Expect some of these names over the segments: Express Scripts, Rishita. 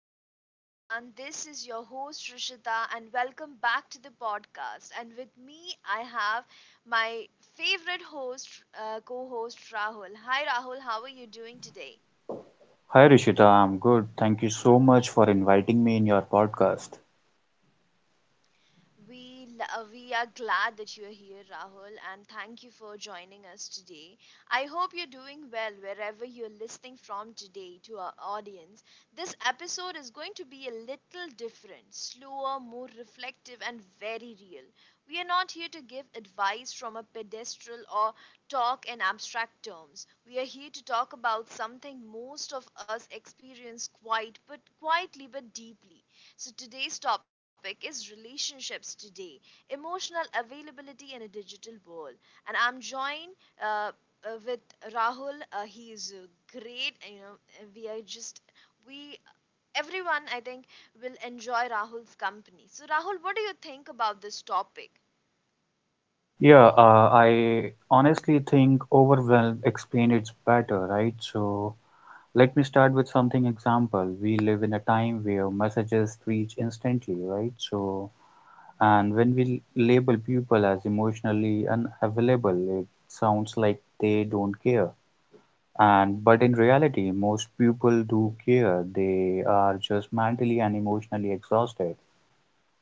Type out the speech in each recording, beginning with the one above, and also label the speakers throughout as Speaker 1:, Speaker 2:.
Speaker 1: hello everyone. This is your host Rishita, and welcome back to the podcast. And with me, I have my favorite host, co-host Rahul. Hi, Rahul. How are you doing today?
Speaker 2: Hi Rishita, I'm good. Thank you so much for inviting me in your podcast.
Speaker 1: We are glad that you're here, Rahul, and thank you for joining us today. I hope you're doing well wherever you're listening from today to our audience. This episode is going to be a little different, slower, more reflective, and very real. We are not here to give advice from a pedestal or talk in abstract terms. We are here to talk about something most of us experience quite but quietly but deeply so, today's topic is relationships today, emotional availability in a digital world. And I'm joined uh, uh, with Rahul. He is great. You know, we are just, we, everyone, I think, will enjoy Rahul's company. So, Rahul, what do you think about this topic?
Speaker 2: Yeah, I honestly think overwhelm explain it better, right? So let me start with something example. We live in a time where messages reach instantly, right? So and when we label people as emotionally unavailable, it sounds like they don't care. And but in reality, most people do care. They are just mentally and emotionally exhausted.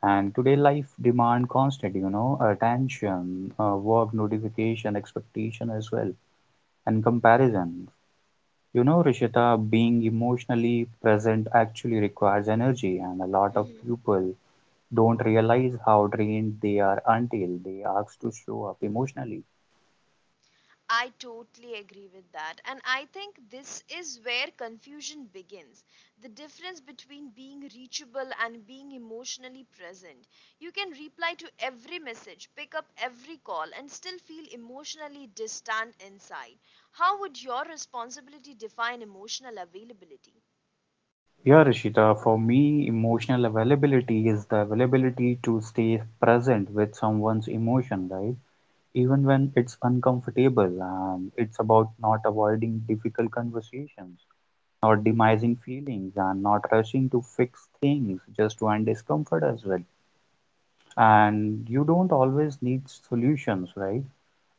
Speaker 2: And today life demand constant, you know, attention, work notification, expectation as well, and comparison. You know, Rishita, being emotionally present actually requires energy, and a lot of people don't realize how drained they are until they ask to show up emotionally.
Speaker 1: I totally agree with that. And I think this is where confusion begins. The difference between being reachable and being emotionally present. You can reply to every message, pick up every call, and still feel emotionally distant inside. How would your responsibility define emotional availability?
Speaker 2: Yeah, Rishita, for me, emotional availability is the availability to stay present with someone's emotion, right? Even when it's uncomfortable. And it's about not avoiding difficult conversations, not demising feelings, and not rushing to fix things just to end discomfort as well. And you don't always need solutions, right?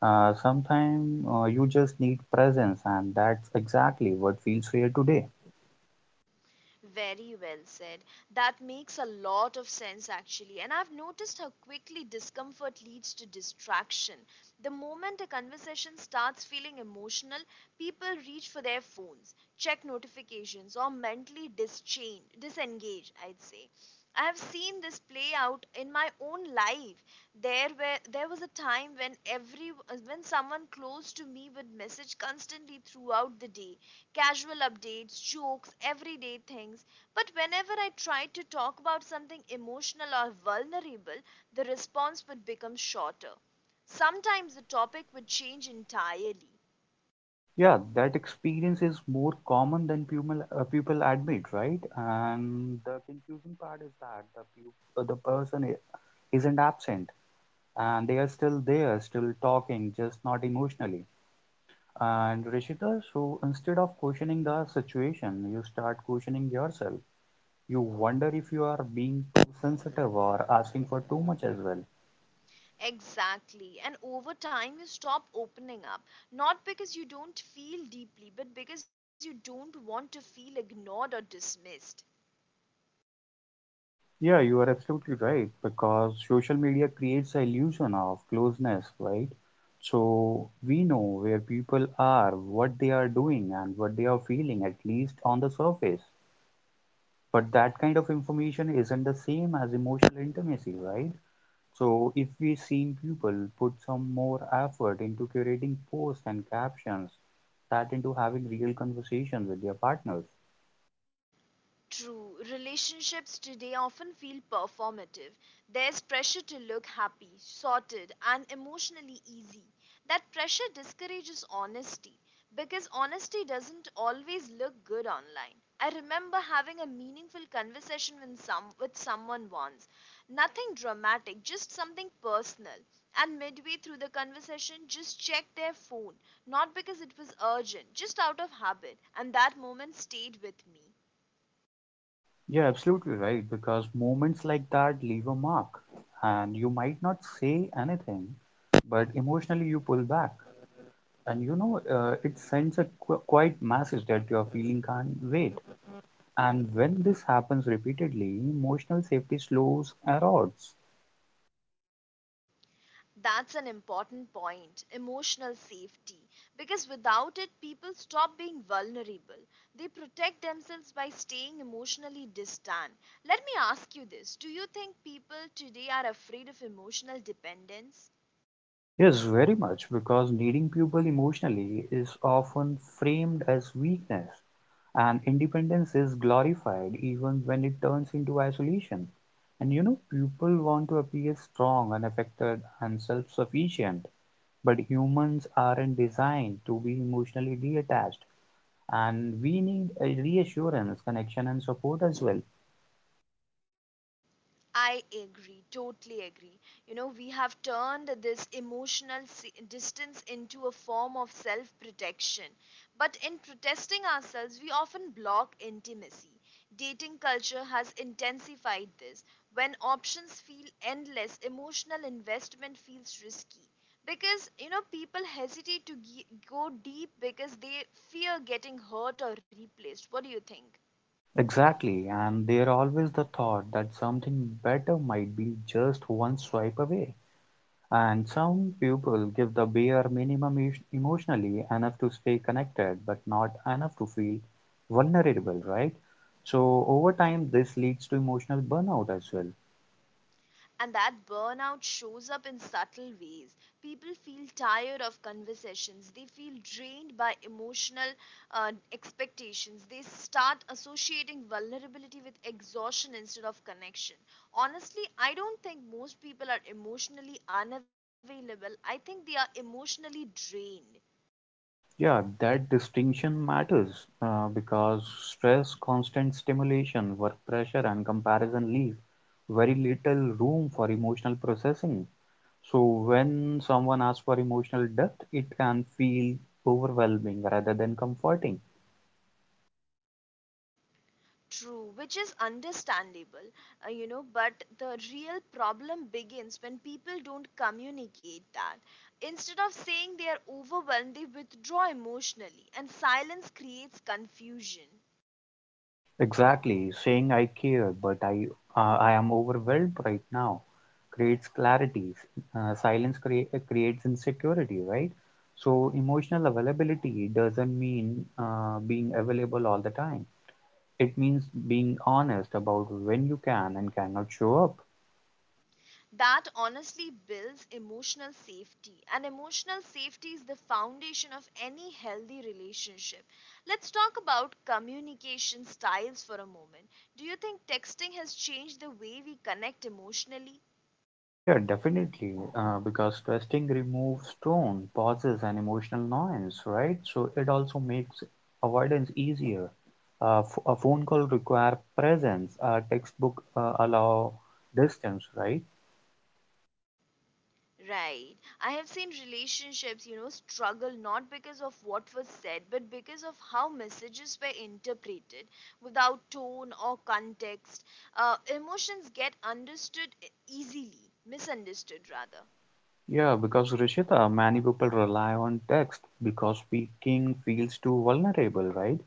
Speaker 2: Sometimes you just need presence, and that's exactly what feels rare today.
Speaker 1: Very well said. That makes a lot of sense actually. And I've noticed how quickly discomfort leads to distraction. The moment a conversation starts feeling emotional, people reach for their phones, check notifications, or mentally disengage, I'd say. I have seen this play out in my own life. There was a time when every when someone close to me would message constantly throughout the day, casual updates, jokes, everyday things. But whenever I tried to talk about something emotional or vulnerable, the response would become shorter. Sometimes the topic would change entirely.
Speaker 2: Yeah, that experience is more common than people admit, right? And the confusing part is that the person isn't absent, and they are still there, still talking, just not emotionally. And Rishita, so instead of questioning the situation, you start questioning yourself. You wonder if you are being too sensitive or asking for too much as well.
Speaker 1: Exactly. And over time, you stop opening up. Not because you don't feel deeply, but because you don't want to feel ignored or dismissed.
Speaker 2: Yeah, you are absolutely right because social media creates the illusion of closeness, right? So we know where people are, what they are doing, and what they are feeling, at least on the surface. But that kind of information isn't the same as emotional intimacy, right? So if we seen people put some more effort into curating posts and captions, that into having real conversations with their partners.
Speaker 1: True, relationships today often feel performative. There's pressure to look happy, sorted, and emotionally easy. That pressure discourages honesty because honesty doesn't always look good online. I remember having a meaningful conversation with, with someone once. Nothing dramatic, just something personal. And midway through the conversation, just checked their phone. Not because it was urgent, just out of habit. And that moment stayed with me.
Speaker 2: Yeah, absolutely right. Because moments like that leave a mark, and you might not say anything, but emotionally you pull back, and you know it sends a quiet message that your feeling can't wait. And when this happens repeatedly, emotional safety slows erodes.
Speaker 1: That's an important point, emotional safety. Because without it, people stop being vulnerable. They protect themselves by staying emotionally distant. Let me ask you this: do you think people today are afraid of emotional dependence?
Speaker 2: Yes, very much, because needing people emotionally is often framed as weakness, and independence is glorified even when it turns into isolation. And you know, people want to appear strong, unaffected, and self sufficient, but humans aren't designed to be emotionally detached, and we need a reassurance, connection, and support as well.
Speaker 1: I agree, totally agree. You know, we have turned this distance into a form of self protection. But in protesting ourselves, we often block intimacy. Dating culture has intensified this. When options feel endless, emotional investment feels risky. Because, you know, people hesitate to go deep because they fear getting hurt or replaced. What do you think?
Speaker 2: Exactly, and there always the thought that something better might be just one swipe away. And some people give the bare minimum emotionally enough to stay connected, but not enough to feel vulnerable, right? So, over time, this leads to emotional burnout as well.
Speaker 1: And that burnout shows up in subtle ways. People feel tired of conversations, they feel drained by emotional expectations, they start associating vulnerability with exhaustion instead of connection. Honestly, I don't think most people are emotionally unavailable, I think they are emotionally drained.
Speaker 2: Yeah, that distinction matters because stress, constant stimulation, work pressure, and comparison leave very little room for emotional processing. So, when someone asks for emotional depth, it can feel overwhelming rather than comforting.
Speaker 1: True, which is understandable, but the real problem begins when people don't communicate that. Instead of saying they are overwhelmed, they withdraw emotionally, and silence creates confusion.
Speaker 2: Exactly, saying I care but I am overwhelmed right now creates clarity. Silence creates insecurity, right? So emotional availability doesn't mean being available all the time. It means being honest about when you can and cannot show up.
Speaker 1: That honestly builds emotional safety, and emotional safety is the foundation of any healthy relationship. Let's talk about communication styles for a moment. Do you think texting has changed the way we connect emotionally?
Speaker 2: Yeah, definitely. Because testing removes tone, pauses, and emotional noise, right? So it also makes avoidance easier. A phone call require presence. A textbook allow distance, right?
Speaker 1: Right. I have seen relationships, you know, struggle not because of what was said, but because of how messages were interpreted without tone or context. Emotions get understood easily, misunderstood rather.
Speaker 2: Yeah, because Rishita, many people rely on text because speaking feels too vulnerable, right?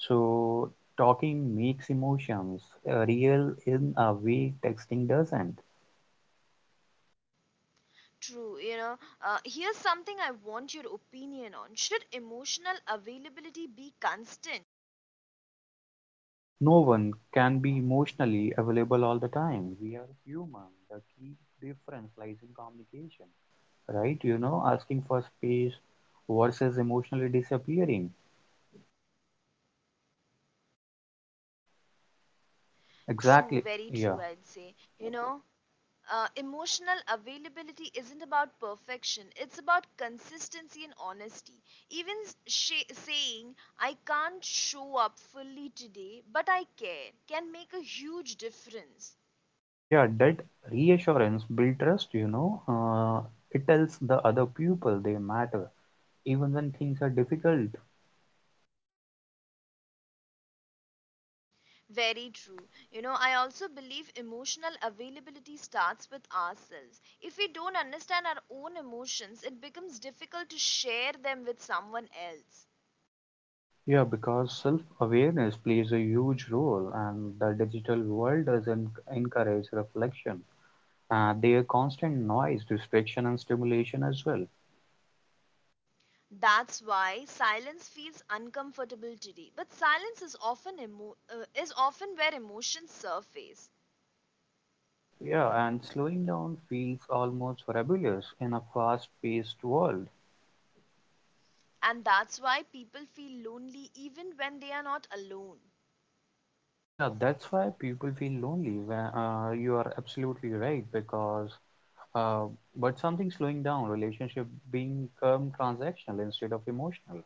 Speaker 2: So talking makes emotions real in a way texting doesn't.
Speaker 1: True, you know. Here's something I want your opinion on. Should emotional availability be constant?
Speaker 2: No one can be emotionally available all the time. We are human. The key difference lies in communication, right? You know, asking for space versus emotionally disappearing.
Speaker 1: True,
Speaker 2: Exactly.
Speaker 1: very
Speaker 2: Yeah.
Speaker 1: true, I'd say. You know, emotional availability isn't about perfection, it's about consistency and honesty, even saying I can't show up fully today but I care can make a huge difference.
Speaker 2: Yeah, that reassurance build trust, you know. It tells the other people they matter, even when things are difficult.
Speaker 1: Very true, you know, I also believe emotional availability starts with ourselves. If we don't understand our own emotions it becomes difficult to share them with someone else.
Speaker 2: Yeah, because self-awareness plays a huge role, and the digital world doesn't encourage reflection. Their constant noise, distraction, and stimulation as well.
Speaker 1: That's why silence feels uncomfortable today. But silence is often is often where emotions surface,
Speaker 2: Yeah, and slowing down feels almost rebellious in a fast-paced world.
Speaker 1: and that's why people feel lonely even when they are not alone.
Speaker 2: Yeah, that's why people feel lonely. When You are absolutely right, because uh, but something slowing down, relationship being transactional instead of emotional.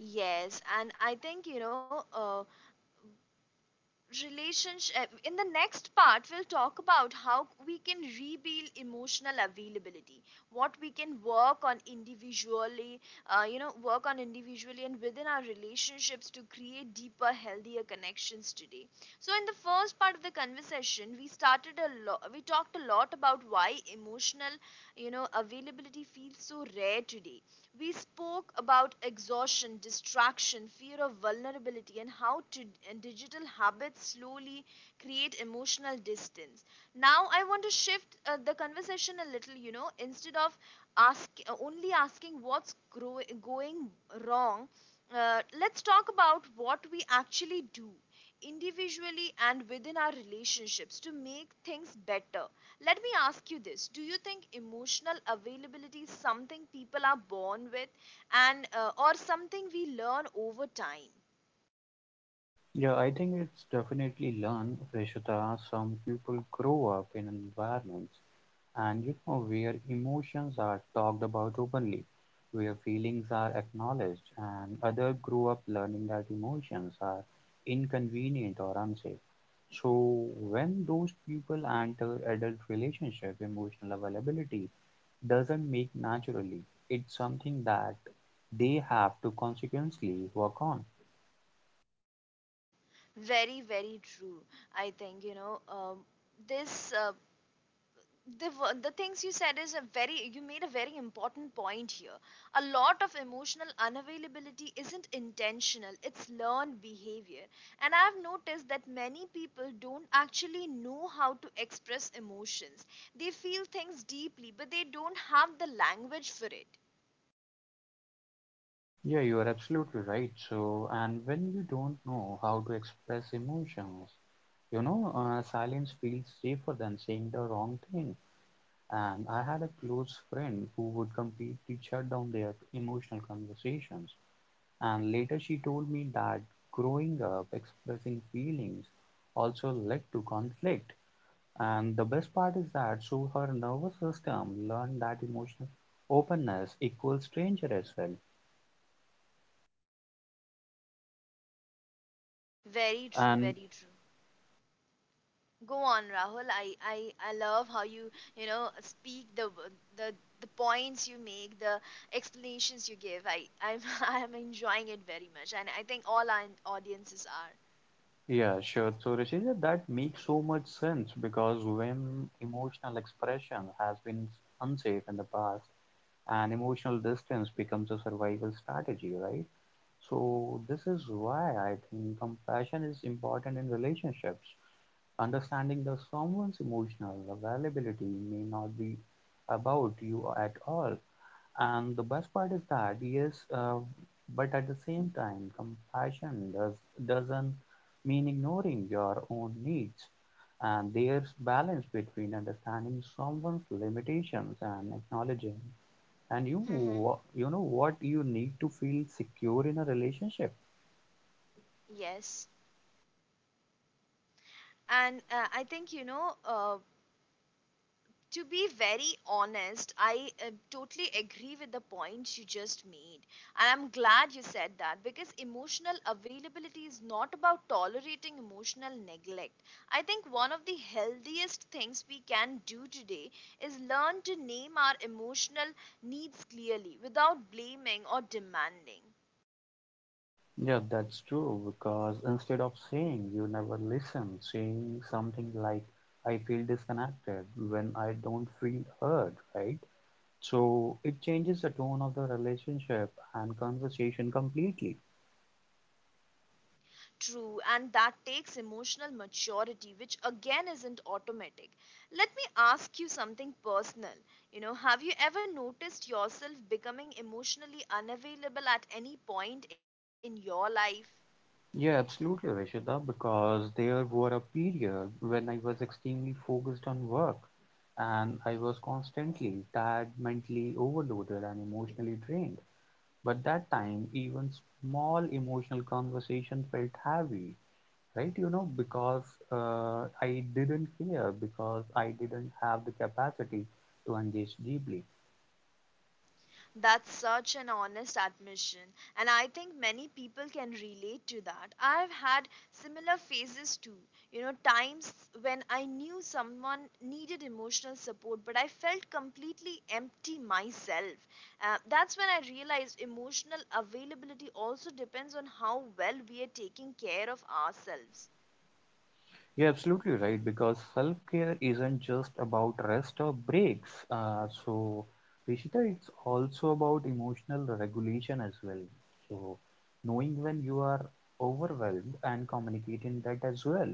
Speaker 1: Yes, and I think you know. Relationship In the next part we'll talk about how we can rebuild emotional availability, what we can work on individually, and within our relationships to create deeper healthier connections today. So in the first part of the conversation we talked a lot about why emotional, you know, availability feels so rare today. We spoke about exhaustion, distraction, fear of vulnerability, and and digital habits slowly create emotional distance. Now, I want to shift the conversation a little, you know, instead of only asking what's going wrong, let's talk about what we actually do individually and within our relationships to make things better. Let me ask you this: do you think emotional availability is something people are born with and or something we learn over time?
Speaker 2: Yeah, I think it's definitely learned, Preshita. Some people grow up in environments. And you know, where emotions are talked about openly, where feelings are acknowledged, and others grow up learning that emotions are inconvenient or unsafe. So, when those people enter adult relationship, emotional availability doesn't make naturally. It's something that they have to consequently work on.
Speaker 1: Very, very true. I think, you know, this uh, the things you said is a very you made a very important point here. A lot of emotional unavailability isn't intentional, it's learned behavior, and I've noticed that many people don't actually know how to express emotions. They feel things deeply but they don't have the language for it.
Speaker 2: Yeah, you are absolutely right. So, and when you don't know how to express emotions, you know, silence feels safer than saying the wrong thing. And I had a close friend who would completely shut down their emotional conversations. And later she told me that growing up, expressing feelings also led to conflict. And the best part is that so her nervous system learned that emotional openness equals danger as well.
Speaker 1: Very true,
Speaker 2: And
Speaker 1: very true. Go on, Rahul. I love how you, you know, speak the the points you make, the explanations you give. I'm I am enjoying it very much, and I think all our audiences are.
Speaker 2: yeah, sure. So, Rishija, that makes so much sense because when emotional expression has been unsafe in the past, and emotional distance becomes a survival strategy, right? So, this is why I think compassion is important in relationships. Understanding that someone's emotional availability may not be about you at all, and the best part is that, yes, uh, but at the same time, compassion doesn't mean ignoring your own needs. And there's balance between understanding someone's limitations and acknowledging, and
Speaker 1: Mm-hmm.
Speaker 2: you know what you need to feel secure in a relationship.
Speaker 1: Yes, and I think you know, to be very honest, I totally agree with the points you just made. And I'm glad you said that because emotional availability is not about tolerating emotional neglect. I think one of the healthiest things we can do today is learn to name our emotional needs clearly without blaming or demanding.
Speaker 2: Yeah, that's true. Because instead of saying you never listen, saying something like "I feel disconnected" when I don't feel heard, right? So it changes the tone of the relationship and conversation completely.
Speaker 1: True, and that takes emotional maturity, which again isn't automatic. Let me ask you something personal. You know, have you ever noticed yourself becoming emotionally unavailable at any point in your life?
Speaker 2: Yeah, absolutely, Rishita, because there were a period when I was extremely focused on work and I was constantly tired, mentally overloaded, and emotionally drained. But that time, even small emotional conversation felt heavy, right? You know, because I didn't care, because I didn't have the capacity to engage deeply.
Speaker 1: That's such an honest admission, and I think many people can relate to that. I've had similar phases too. You know, times when I knew someone needed emotional support, but I felt completely empty myself. That's when I realized emotional availability also depends on how well we are taking care of ourselves.
Speaker 2: You're absolutely right because self-care isn't just about rest or breaks. So, Rishita, it's also about emotional regulation as well. So, knowing when you are overwhelmed and communicating that as well.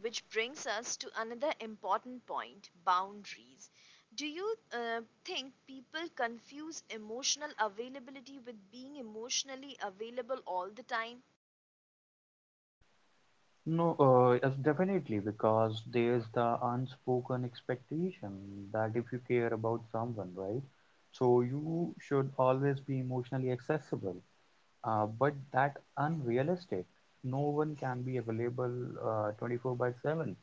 Speaker 1: Which brings us to another important point, boundaries. Do you think people confuse emotional availability with being emotionally available all the time?
Speaker 2: No, Yes, definitely because there's the unspoken expectation that if you care about someone, right? So you should always be emotionally accessible. But that unrealistic. No one can be available 24 by 7.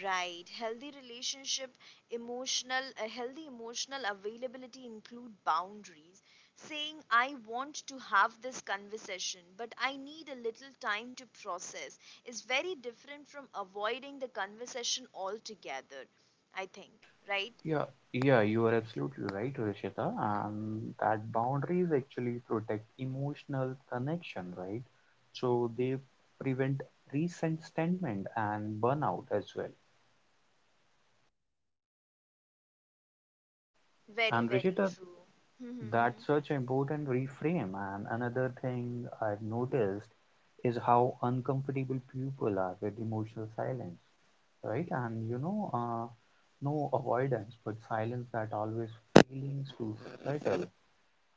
Speaker 1: Right. A healthy emotional availability include boundaries. Saying, I want to have this conversation, but I need a little time to process, is very different from avoiding the conversation altogether, I think, right?
Speaker 2: Yeah, yeah, you are absolutely right, Rishita. And that boundaries actually protect emotional connection, right? So they prevent resentment and burnout as well.
Speaker 1: Very,
Speaker 2: And
Speaker 1: very
Speaker 2: Rishita,
Speaker 1: true. Mm-hmm.
Speaker 2: that's such an important reframe. And another thing I've noticed is how uncomfortable people are with emotional silence, right? And you know, no avoidance, but silence that always feelings to settle.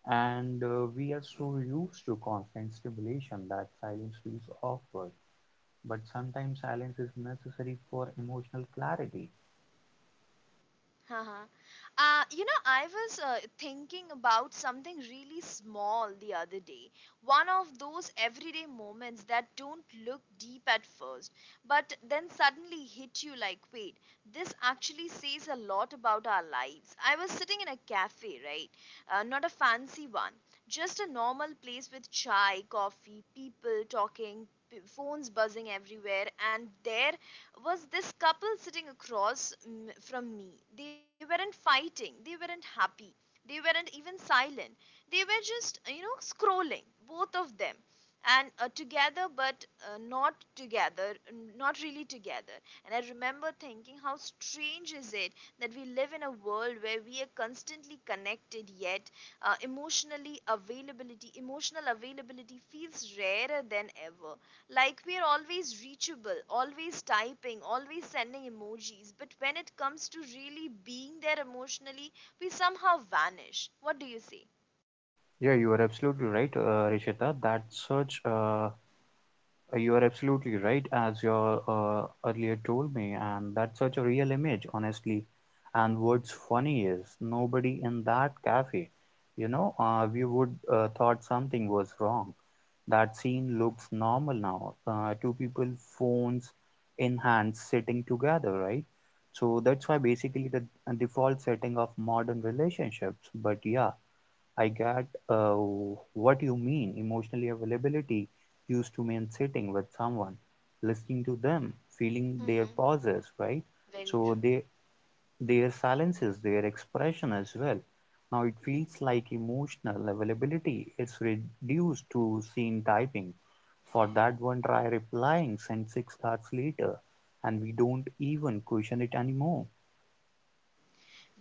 Speaker 2: And we are so used to constant stimulation that silence feels awkward. But sometimes silence is necessary for emotional clarity.
Speaker 1: Uh-huh. You know, I was thinking about something really small the other day. One of those everyday moments that don't look deep at first, but then suddenly hit you like, wait, this actually says a lot about our lives. I was sitting in a cafe, right? Not a fancy one, just a normal place with chai, coffee, people talking, phones buzzing everywhere, and there was this couple sitting across from me. They weren't fighting, they weren't happy, they weren't even silent. They were just, you know, scrolling, both of them. And together, but not together, not really together. And I remember thinking, how strange is it that we live in a world where we are constantly connected, yet emotional availability feels rarer than ever. Like we are always reachable, always typing, always sending emojis, but when it comes to really being there emotionally, we somehow vanish. What do you say?
Speaker 2: Yeah, you are absolutely right, Rishita. That search You are absolutely right, as you earlier told me, and that's such a real image, honestly. And what's funny is nobody in that cafe, you know, we would thought something was wrong. That scene looks normal now. Two people, phones in hand, sitting together, right? So that's why basically the default setting of modern relationships. But yeah, I get what you mean. Emotionally availability used to mean sitting with someone, listening to them, feeling their
Speaker 1: Mm-hmm.
Speaker 2: pauses, right?
Speaker 1: Very
Speaker 2: So
Speaker 1: true.
Speaker 2: they, their silences, their expression as well. Now it feels like emotional availability is reduced to scene typing. For that one try replying, sent 6 hours later, and we don't even question it anymore.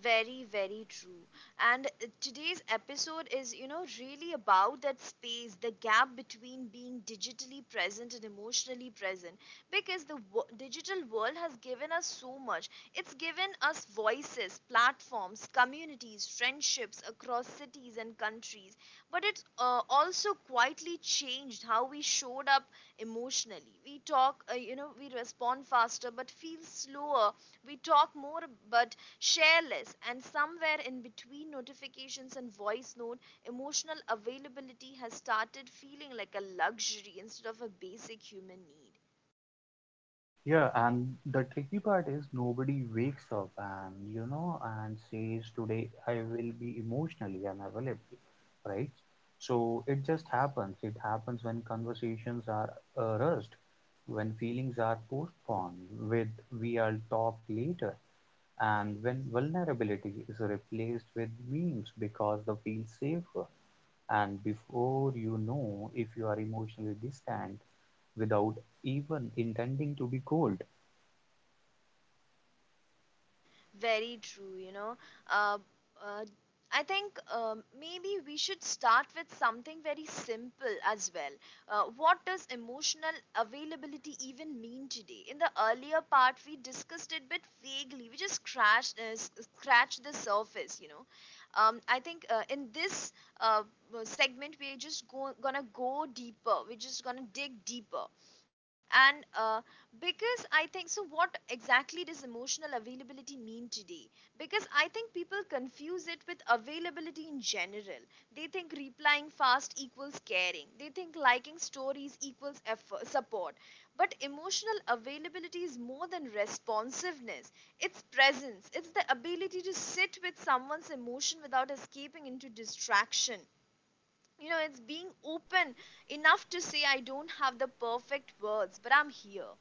Speaker 1: Very, very true. And today's episode is, you know, really about that space, the gap between being digitally present and emotionally present. Because digital world has given us so much. It's given us voices, platforms, communities, friendships across cities and countries, but it's also quietly changed how we showed up emotionally. We talk, we respond faster but feel slower, we talk more but share less, and somewhere in between notifications and voice note, emotional availability has started feeling like a luxury instead of a basic human need.
Speaker 2: Yeah, and the tricky part is nobody wakes up and you know and says today I will be emotionally unavailable, right? So it just happens. It happens when conversations are rushed, when feelings are postponed, with we will talk later, and when vulnerability is replaced with memes because they feel safer. And before you know, if you are emotionally distant without even intending to be cold.
Speaker 1: Very true, you know. Uh, uh, I think maybe we should start with something very simple as well. What does emotional availability even mean today? In the earlier part, we discussed it but vaguely. We just scratched, scratched the surface, you know. I think in this uh, segment, we're just gonna go deeper. We're just gonna dig deeper. And because I think so, what exactly does emotional availability mean today? Because I think people confuse it with availability in general. They think replying fast equals caring. They think liking stories equals effort, support. But emotional availability is more than responsiveness. It's presence. It's the ability to sit with someone's emotion without escaping into distraction. You know, it's being open enough to say, I don't have the perfect words, but I'm here.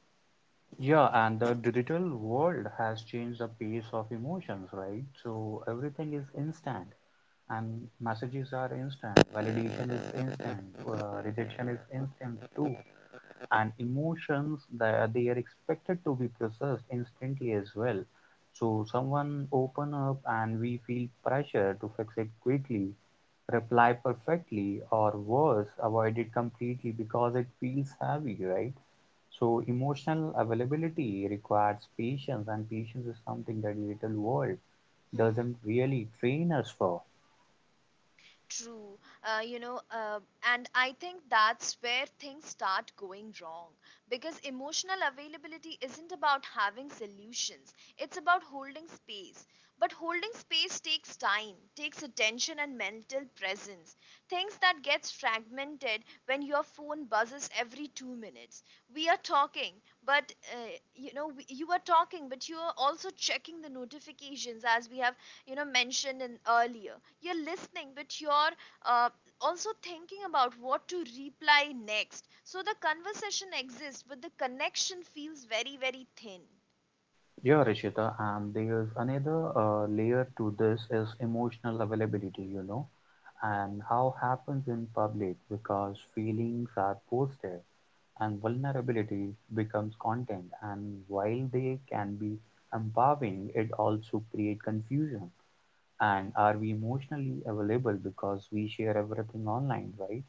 Speaker 2: Yeah, and the digital world has changed the pace of emotions, right? So everything is instant, and messages are instant, validation is instant, rejection is instant too, and emotions that they are expected to be processed instantly as well. So someone open up, and we feel pressure to fix it quickly, reply perfectly, or worse, avoid it completely because it feels heavy, right? So emotional availability requires patience, and patience is something that digital world
Speaker 1: Mm-hmm.
Speaker 2: doesn't really train us for.
Speaker 1: True. Uh, you know, uh, and I think that's where things start going wrong because emotional availability isn't about having solutions. It's about holding space. But holding space takes time, takes attention and mental presence. Things that gets fragmented when your phone buzzes every 2 minutes. We are talking, but you know, we, you are talking, but you are also checking the notifications as we have mentioned in earlier. You're listening, but you're uh, also thinking about what to reply next. So the conversation exists, but the connection feels very thin.
Speaker 2: Yeah, Rishita, and there's another layer to this is emotional availability, you know, and how happens in public because feelings are posted and vulnerability becomes content. And while they can be empowering, it also create confusion. And are we emotionally available because we share everything online, right?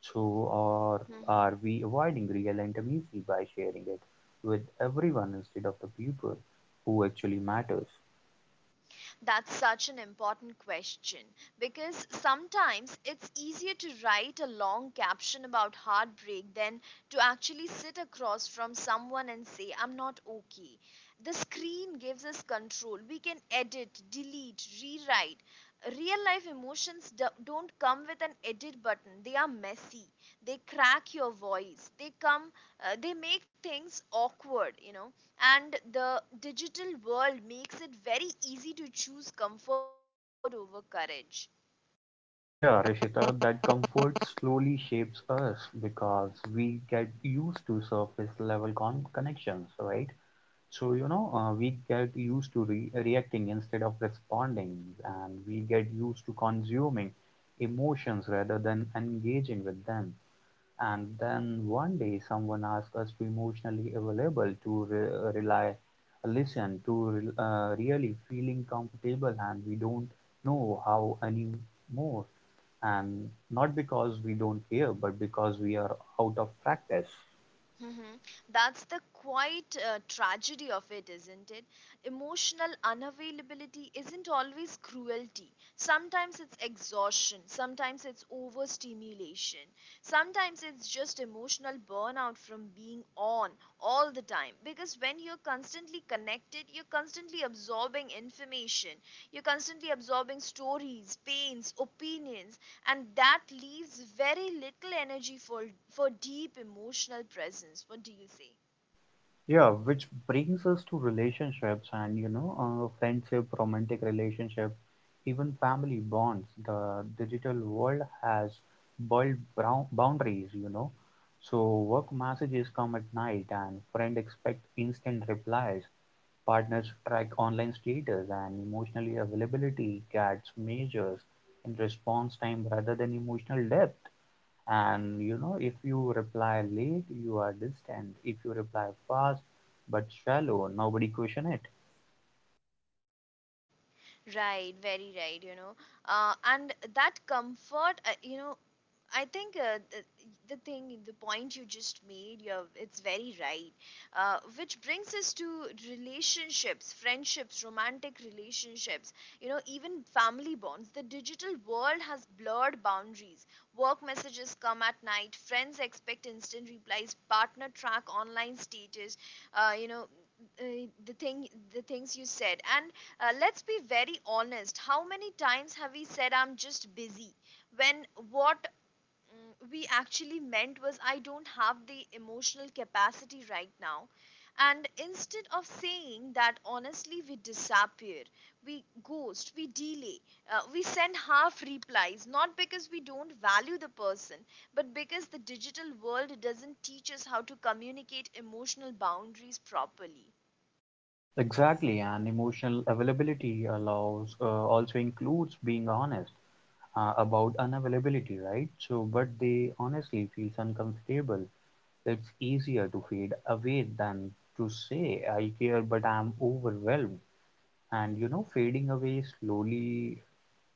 Speaker 2: So, or are we avoiding real intimacy by sharing it with everyone instead of the people who actually matters?
Speaker 1: That's such an important question because sometimes it's easier to write a long caption about heartbreak than to actually sit across from someone and say, I'm not okay. The screen gives us control. We can edit, delete, rewrite. Real life emotions don't come with an edit button. They are messy. They crack your voice. They come, they make things awkward, and the digital world makes it very easy to choose comfort over courage.
Speaker 2: Yeah, Rishita, that comfort slowly shapes us because we get used to surface level connections, right? We get used to reacting instead of responding, and we get used to consuming emotions rather than engaging with them. And then one day someone asked us to emotionally available, to rely, listen, to really feeling comfortable, and we don't know how anymore. And not because we don't care, but because we are out of practice.
Speaker 1: Mhm. That's the quite tragedy of it, isn't it? Emotional unavailability isn't always cruelty. Sometimes it's exhaustion, sometimes it's overstimulation, sometimes it's just emotional burnout from being on all the time. Because when you're constantly connected, you're constantly absorbing information, you're constantly absorbing stories, pains, opinions, and that leaves very little energy for deep emotional presence. What do you say?
Speaker 2: Yeah, which brings us to relationships and friendship, romantic relationship, even family bonds. The digital world has blurred brown boundaries, you know. So work messages come at night, and friend expect instant replies. Partners track online status, and emotional availability gets measures in response time rather than emotional depth. And you know, if you reply late, you are distant. If you reply fast but shallow, nobody question it.
Speaker 1: Right, very right, you know. And that comfort, I think uh, the, the thing, the point you just made, it's very right. Which brings us to relationships, friendships, romantic relationships, you know, even family bonds. The digital world has blurred boundaries. Work messages come at night, friends expect instant replies, partner track online status, uh, you know, uh, the thing the things you said. And let's be very honest. How many times have we said, I'm just busy, when what we actually meant was, I don't have the emotional capacity right now? And instead of saying that honestly, we disappear, we ghost, we delay, we send half replies, not because we don't value the person, but because the digital world doesn't teach us how to communicate emotional boundaries properly.
Speaker 2: Exactly, and emotional availability allows also includes being honest about unavailability, right? So, but they honestly feels uncomfortable. It's easier to fade away than to say I care, but I'm overwhelmed. And you know, fading away slowly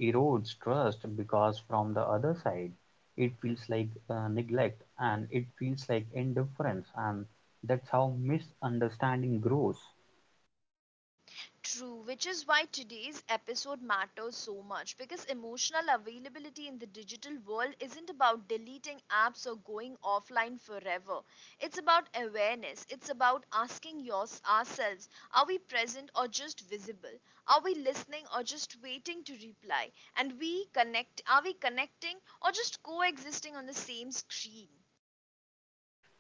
Speaker 2: erodes trust because from the other side it feels like neglect, and it feels like indifference, and that's how misunderstanding grows.
Speaker 1: True, which is why today's episode matters so much because emotional availability in the digital world isn't about deleting apps or going offline forever. It's about awareness. It's about asking ourselves, are we present or just visible? Are we listening or just waiting to reply? And we connect are we connecting or just coexisting on the same screen?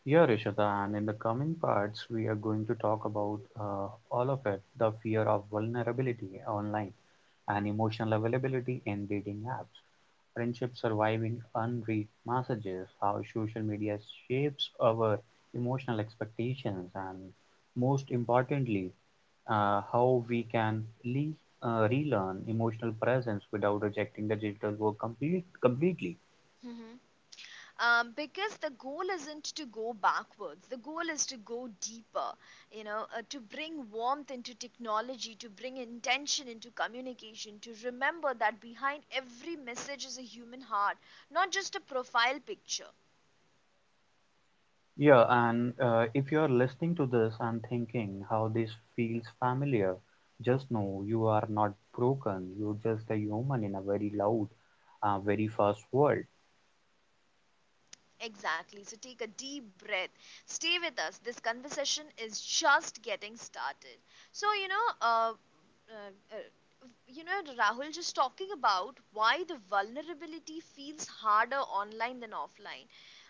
Speaker 2: Here, Ishita, and in the coming parts we are going to talk about uh, all of it, the fear of vulnerability online and emotional availability in dating apps, friendship surviving unread messages, how social media shapes our emotional expectations, and most importantly how we can relearn emotional presence without rejecting the digital work completely.
Speaker 1: Because the goal isn't to go backwards, the goal is to go deeper, you know. Uh, to bring warmth into technology, to bring intention into communication, to remember that behind every message is a human heart, not just a profile picture.
Speaker 2: Yeah, and if you are listening to this and thinking how this feels familiar, just know you are not broken. You're just a human in a very loud, very fast world.
Speaker 1: Exactly. So take a deep breath. Stay with us. This conversation is just getting started. So, you know, uh, Rahul just talking about why the vulnerability feels harder online than offline.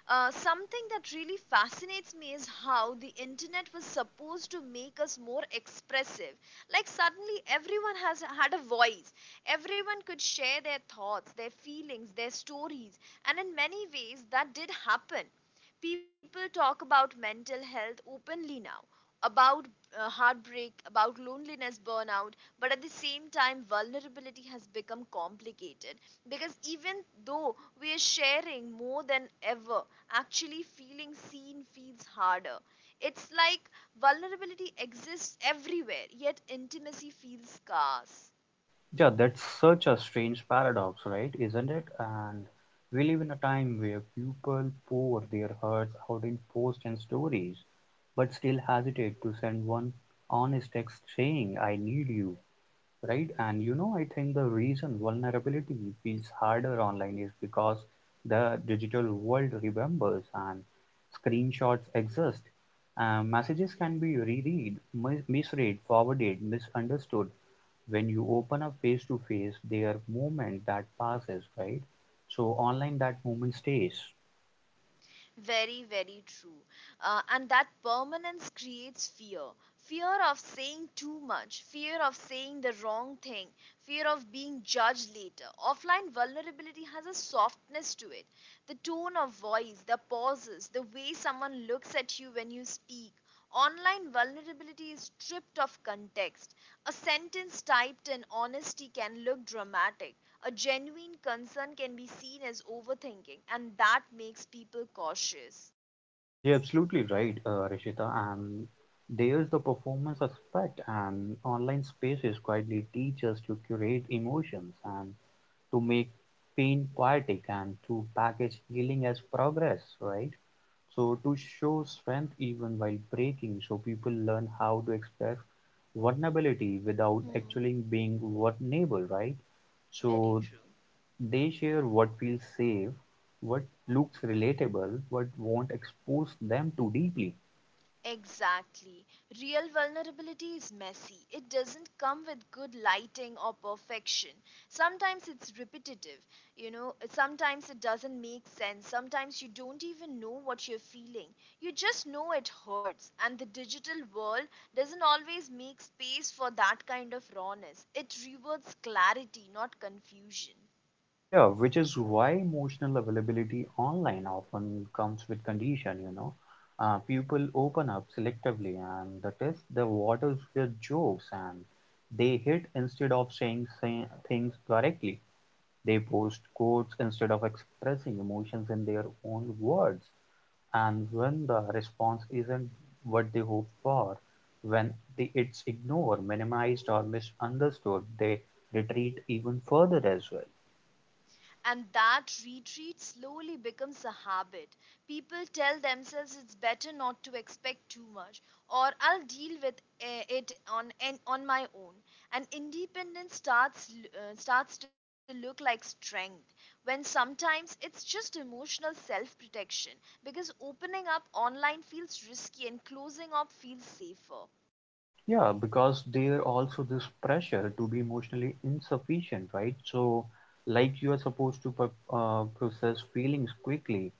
Speaker 1: Something that really fascinates me is how the internet was supposed to make us more expressive. Like suddenly everyone has had a voice. Everyone could share their thoughts, their feelings, their stories. And in many ways, that did happen. People talk about mental health openly now, about heartbreak, about loneliness, burnout, but at the same time, vulnerability has become complicated because even though we are sharing more than ever, actually feeling seen feels harder. It's like vulnerability exists everywhere, yet intimacy feels scarce.
Speaker 2: Yeah, that's such a strange paradox, right? Isn't it? And we live in a time where people pour their hearts out in posts and stories, but still hesitate to send one honest text saying, I need you, right? And you know, I think the reason vulnerability feels harder online is because the digital world remembers, and screenshots exist. Messages can be reread, misread, forwarded, misunderstood. When you open up face to face, their moment that passes, right? So online, that moment stays.
Speaker 1: Very, very true. And that permanence creates fear, fear of saying too much, fear of saying the wrong thing, fear of being judged later. Offline vulnerability has a softness to it. The tone of voice, the pauses, the way someone looks at you when you speak. Online vulnerability is stripped of context. A sentence typed in honesty can look dramatic. A genuine concern can be seen as overthinking, and that makes people cautious.
Speaker 2: You're absolutely right, rishita, and there's the performance aspect, and online spaces quietly teach us to curate emotions, and to make pain poetic, and to package healing as progress, right? So to show strength even while breaking, so people learn how to express vulnerability without
Speaker 1: Mhm.
Speaker 2: actually being vulnerable, right?
Speaker 1: Very
Speaker 2: So
Speaker 1: true.
Speaker 2: they share what feels safe, what looks relatable, what won't expose them too deeply.
Speaker 1: Exactly. Real vulnerability is messy. It doesn't come with good lighting or perfection. Sometimes it's repetitive, you know, sometimes it doesn't make sense. Sometimes you don't even know what you're feeling. You just know it hurts, and the digital world doesn't always make space for that kind of rawness. It rewards clarity, not confusion.
Speaker 2: Yeah, which is why emotional availability online often comes with condition, you know. People open up selectively and the test the waters with jokes, and they hit instead of saying say, things directly. They post quotes instead of expressing emotions in their own words. And when the response isn't what they hope for, when they it's ignored, minimized, or misunderstood, they retreat even further as well.
Speaker 1: And that retreat slowly becomes a habit. People tell themselves it's better not to expect too much, or I'll deal with it on my own. And independence starts starts to look like strength, when sometimes it's just emotional self-protection because opening up online feels risky and closing up feels safer.
Speaker 2: Yeah, because there also this pressure to be emotionally insufficient, right? So, like you are supposed to process feelings quickly,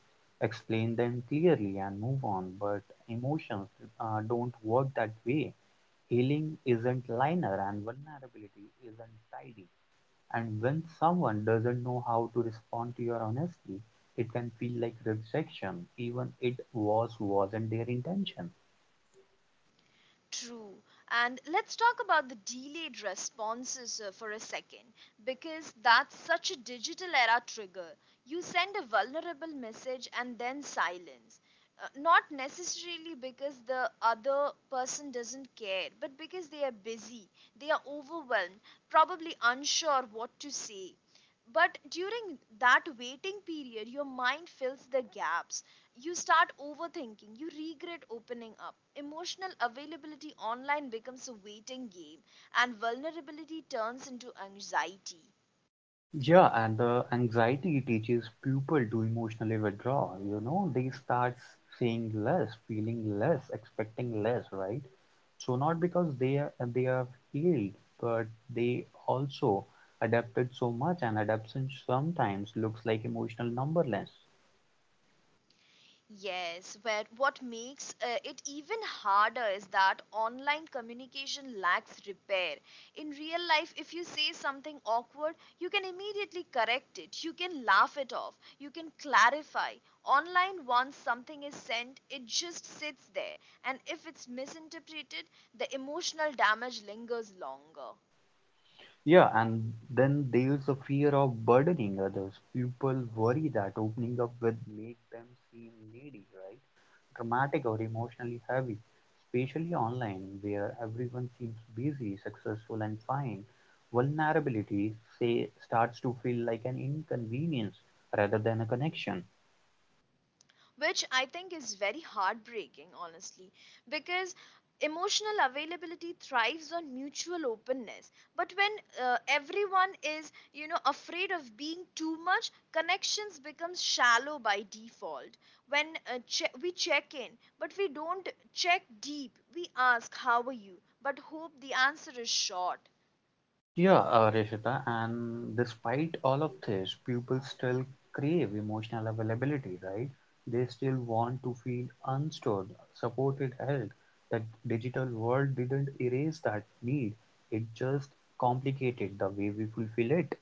Speaker 2: explain them clearly, and move on. But emotions don't work that way. Healing isn't linear, and vulnerability isn't tidy. And when someone doesn't know how to respond to your honesty, it can feel like rejection, even it wasn't their intention.
Speaker 1: True. And let's talk about the delayed responses for a second because that's such a digital era trigger. You send a vulnerable message and then silence. Not necessarily because the other person doesn't care, but because they are busy, they are overwhelmed, probably unsure what to say. But during that waiting period, your mind fills the gaps. You start overthinking, you regret opening up. Emotional availability online becomes a waiting game, and vulnerability turns into anxiety.
Speaker 2: Yeah, and the anxiety teaches people to emotionally withdraw. You know, they start saying less, feeling less, expecting less, right? So not because they are healed, but they also adapted so much, and adaptation sometimes looks like emotional numberless.
Speaker 1: Yes, where what makes it even harder is that online communication lacks repair. In real life, if you say something awkward, you can immediately correct it, you can laugh it off, you can clarify. Online, once something is sent, it just sits there, and if it's misinterpreted, the emotional damage lingers longer.
Speaker 2: Yeah, and then there's the fear of burdening others. People worry that opening up will make them seem needy, right? Dramatic or emotionally heavy, especially online where everyone seems busy, successful, and fine. Vulnerability say, starts to feel like an inconvenience rather than a connection.
Speaker 1: Which I think is very heartbreaking, honestly, because emotional availability thrives on mutual openness. But when everyone is, you know, afraid of being too much, connections become shallow by default. When we check in, but we don't check deep. We ask, "How are you?" but hope the answer is short.
Speaker 2: Yeah, Rishita, and despite all of this, people still crave emotional availability, right? They still want to feel unstored, supported, held. That digital world didn't erase that need. It just complicated the way we fulfill it.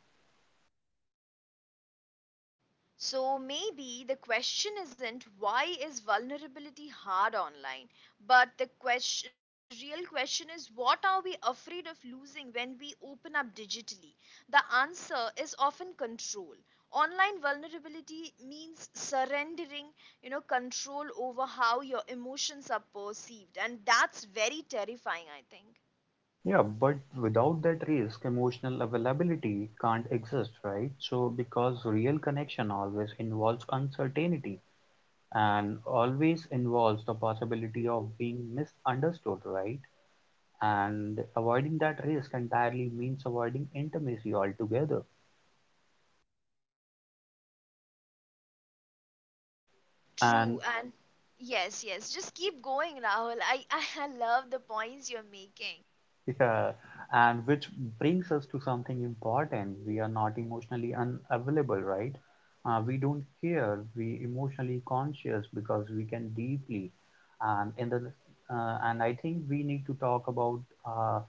Speaker 1: So maybe the question isn't why is vulnerability hard online, but the question, real question is what are we afraid of losing when we open up digitally? The answer is often control. Online vulnerability means surrendering, you know, control over how your emotions are perceived, and that's very terrifying, I think.
Speaker 2: Yeah, but without that risk, emotional availability can't exist, right? So, because real connection always involves uncertainty and always involves the possibility of being misunderstood, right? And avoiding that risk entirely means avoiding intimacy altogether.
Speaker 1: True,
Speaker 2: And
Speaker 1: and yes, yes, just keep going, Rahul. I, I love the points you're making.
Speaker 2: yeah, and which brings us to something important. We are not emotionally unavailable, right? We don't care. We emotionally conscious because we can deeply, and in the and I think we need to talk uh,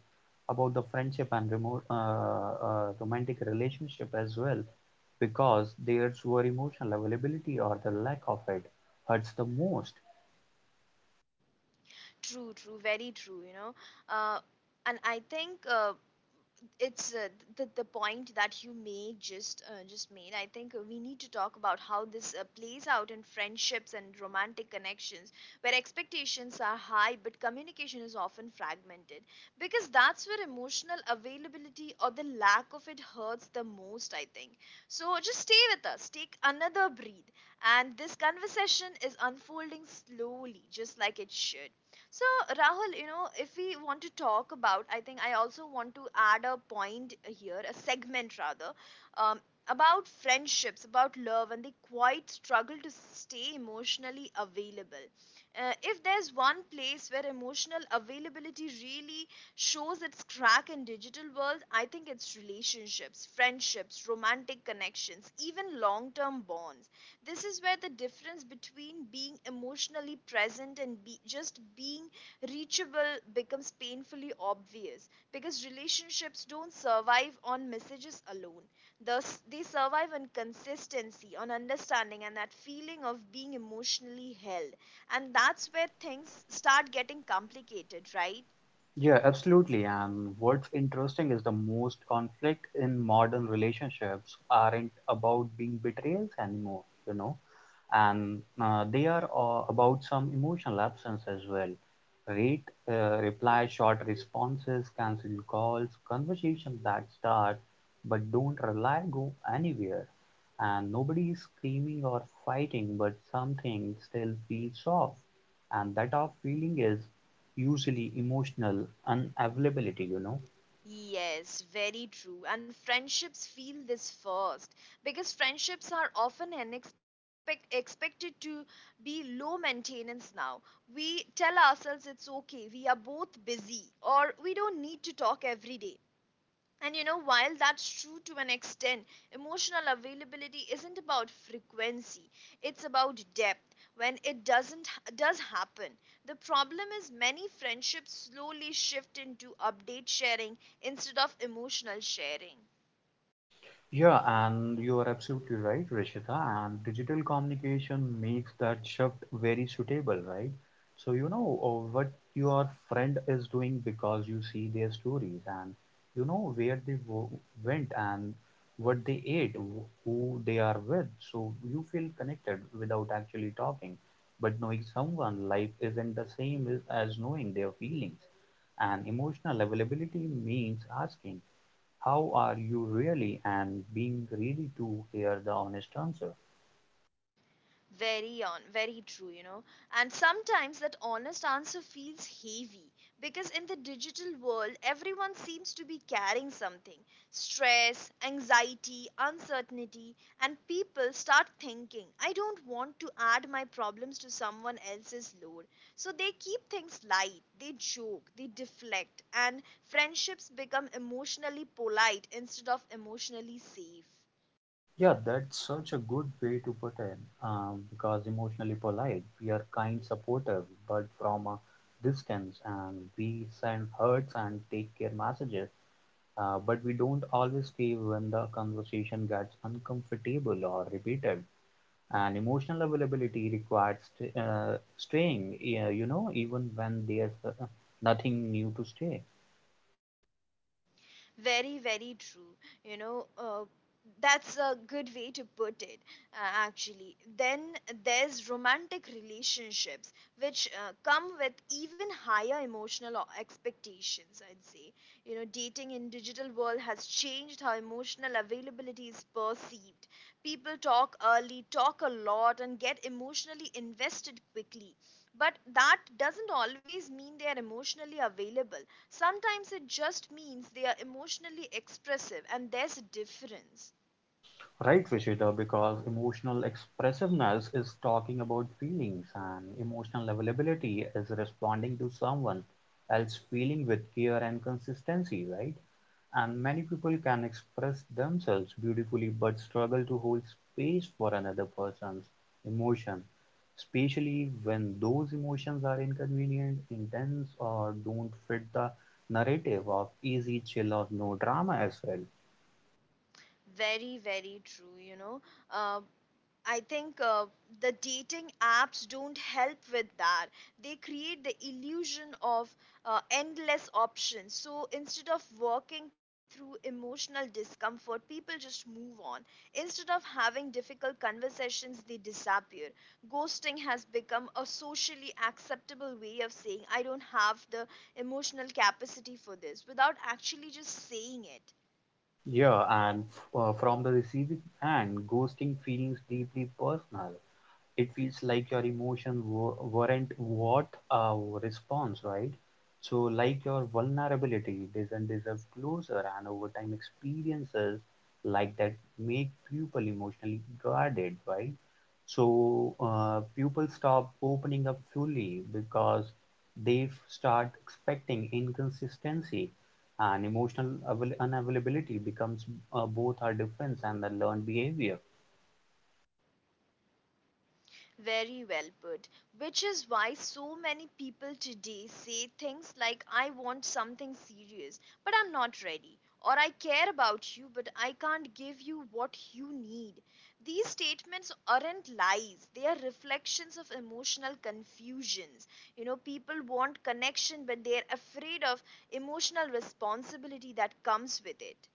Speaker 2: about the friendship and remote romantic relationship as well, because there's where emotional availability or the lack of it hurts the most.
Speaker 1: True, true, very true, you know. Uh, and I think it's the point that you made just made. I think we need to talk about how this plays out in friendships and romantic connections where expectations are high but communication is often fragmented because that's where emotional availability or the lack of it hurts the most, I think. So just stay with us, take another breath and this conversation is unfolding slowly just like it should. So, Rahul, you know, if we want to talk about, I think I also want to add a point here, a segment rather, um, about friendships, about love, and they quite struggle to stay emotionally available. If there's one place where emotional availability really shows its crack in digital world, I think it's relationships, friendships, romantic connections, even long-term bonds. This is where the difference between being emotionally present and just being reachable becomes painfully obvious because relationships don't survive on messages alone. Thus, they survive on consistency, on understanding, and that feeling of being emotionally held. And that's where things start getting complicated, right?
Speaker 2: Yeah, absolutely. And what's interesting is the most conflict in modern relationships aren't about being betrayals anymore, you know, and they are about some emotional absence as well. Rate, reply, short responses, cancelled calls, conversations that start but don't rely go anywhere. And nobody is screaming or fighting, but something still feels off. And that off feeling is usually emotional unavailability, you know.
Speaker 1: Yes, very true. And friendships feel this first because friendships are often expected to be low maintenance now. We tell ourselves it's okay, we are both busy, or we don't need to talk every day. And you know, while that's true to an extent, emotional availability isn't about frequency, it's about depth when it doesn't does happen. The problem is many friendships slowly shift into update sharing instead of emotional sharing.
Speaker 2: Yeah, and you are absolutely right, Rishita. And digital communication makes that shift very suitable, right? So you know what your friend is doing because you see their stories, and you know where they wo went and what they ate, who they are with. So you feel connected without actually talking. But knowing someone, life isn't the same as knowing their feelings. And emotional availability means asking. How are you really? And being ready to hear the honest answer.
Speaker 1: Very on, very true, you know. And sometimes that honest answer feels heavy because in the digital world, everyone seems to be carrying something, stress, anxiety, uncertainty, and people start thinking, I don't want to add my problems to someone else's load. So they keep things light, they joke, they deflect, and friendships become emotionally polite instead of emotionally safe.
Speaker 2: Yeah, that's such a good way to put it. Because emotionally polite, we are kind, supportive, but from a distance, and we send hurts and take care messages. But we don't always stay when the conversation gets uncomfortable or repeated. And emotional availability requires staying, you know, even when there's nothing new to stay.
Speaker 1: Very, very true. You know, that's a good way to put it, actually. Then there's romantic relationships, which come with even higher emotional expectations, I'd say. You know, dating in digital world has changed how emotional availability is perceived. People talk early, talk a lot, and get emotionally invested quickly. But that doesn't always mean they are emotionally available. Sometimes it just means they are emotionally expressive, and there's a difference.
Speaker 2: Right, Rishita, because emotional expressiveness is talking about feelings, and emotional availability is responding to someone else feeling with care and consistency, right? And many people can express themselves beautifully but struggle to hold space for another person's emotion, especially when those emotions are inconvenient, intense, or don't fit the narrative of easy, chill, or no drama as well.
Speaker 1: Very, very true, you know. Uh, I think the dating apps don't help with that. They create the illusion of endless options. So instead of walking through emotional discomfort, people just move on. Instead of having difficult conversations, they disappear. Ghosting has become a socially acceptable way of saying, I don't have the emotional capacity for this, without actually just saying it.
Speaker 2: Yeah, and from the receiving end, ghosting feels deeply personal. It feels like your emotion not worth a response, right? So like your vulnerability doesn't deserve closure, and over time experiences like that make people emotionally guarded, right? So people stop opening up fully because start expecting inconsistency, and emotional unavailability becomes both our defense and the learned behavior.
Speaker 1: Very well put. Which is why so many people today say things like, I want something serious, but I'm not ready. Or I care about you, but I can't give you what you need. These statements aren't lies, they are reflections of emotional confusions. You know, people want connection, but they're afraid of emotional responsibility that comes with it.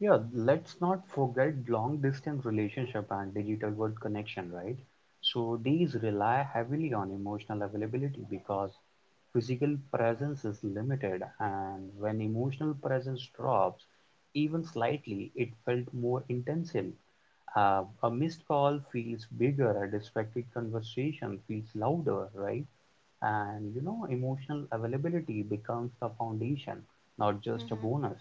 Speaker 2: Yeah, let's not forget long distance relationship and digital world connection, right? So these rely heavily on emotional availability because physical presence is limited, and when emotional presence drops even slightly, it felt more intensive. A missed call feels bigger, a distracted conversation feels louder, right? And you know, emotional availability becomes the foundation, not just a bonus.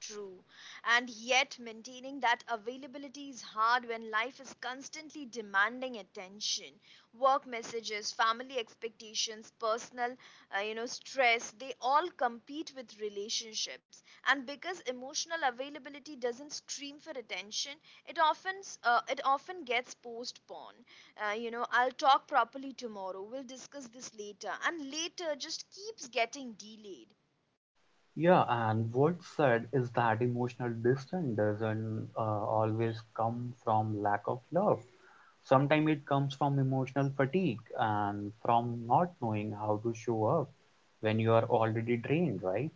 Speaker 1: True. And yet, maintaining that availability is hard when life is constantly demanding attention. Work messages, family expectations, personal, you know, stress, they all compete with relationships. And because emotional availability doesn't scream for attention, it often it often gets postponed. You know, I'll talk properly tomorrow. We'll discuss this later. And later just keeps getting delayed.
Speaker 2: Yeah, and what's sad is that emotional distance doesn't always come from lack of love. Sometimes it comes from emotional fatigue, and from not knowing how to show up when you are already drained, right?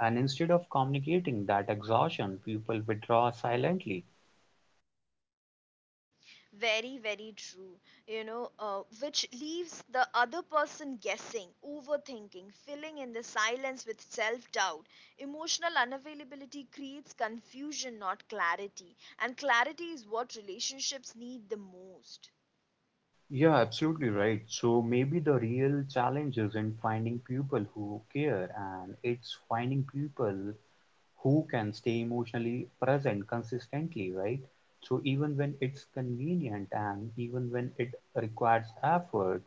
Speaker 2: And instead of communicating that exhaustion, people withdraw silently.
Speaker 1: Very, very true. You know, which leaves the other person guessing, overthinking, filling in the silence with self doubt. Emotional unavailability creates confusion, not clarity. And clarity is what relationships need the most.
Speaker 2: Yeah, absolutely right. So maybe the real challenge is in finding people who care, and it's finding people who can stay emotionally present consistently, right? So even when it's convenient, and even when it requires effort,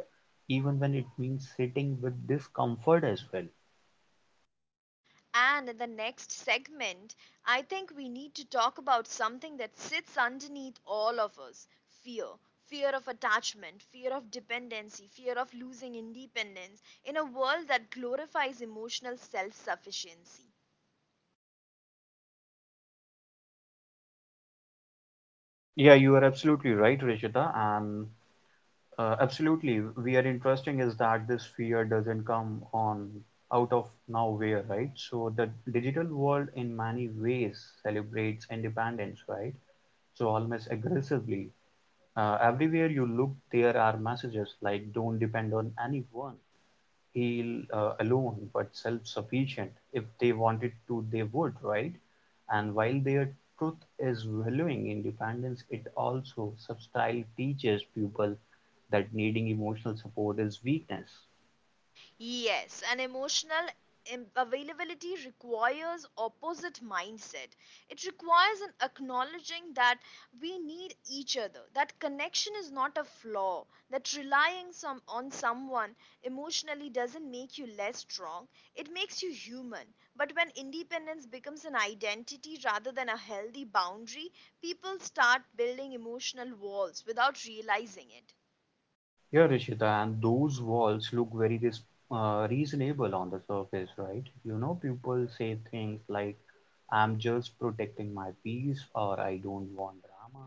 Speaker 2: even when it means sitting with discomfort as well.
Speaker 1: And in the next segment, I think we need to talk about something that sits underneath all of us: fear. Fear of attachment, fear of dependency, fear of losing independence in a world that glorifies emotional self sufficiency.
Speaker 2: Yeah, you are absolutely right, Rishita, and absolutely, we are interesting is that this fear doesn't come on out of nowhere, right? So the digital world in many ways celebrates independence, right? So almost aggressively, everywhere you look, there are messages like don't depend on anyone, heal alone, but self sufficient. If they wanted to, they would, right? And while their truth is valuing independence, it also subtly teaches people that needing emotional support is weakness.
Speaker 1: Yes, and emotional availability requires opposite mindset. It requires an acknowledging that we need each other. That connection is not a flaw. That relying some on someone emotionally doesn't make you less strong. It makes you human. But when independence becomes an identity rather than a healthy boundary, people start building emotional walls without realizing it.
Speaker 2: Yeah, Rishita, and those walls look very res reasonable on the surface, right? You know, people say things like, I'm just protecting my peace, or I don't want drama,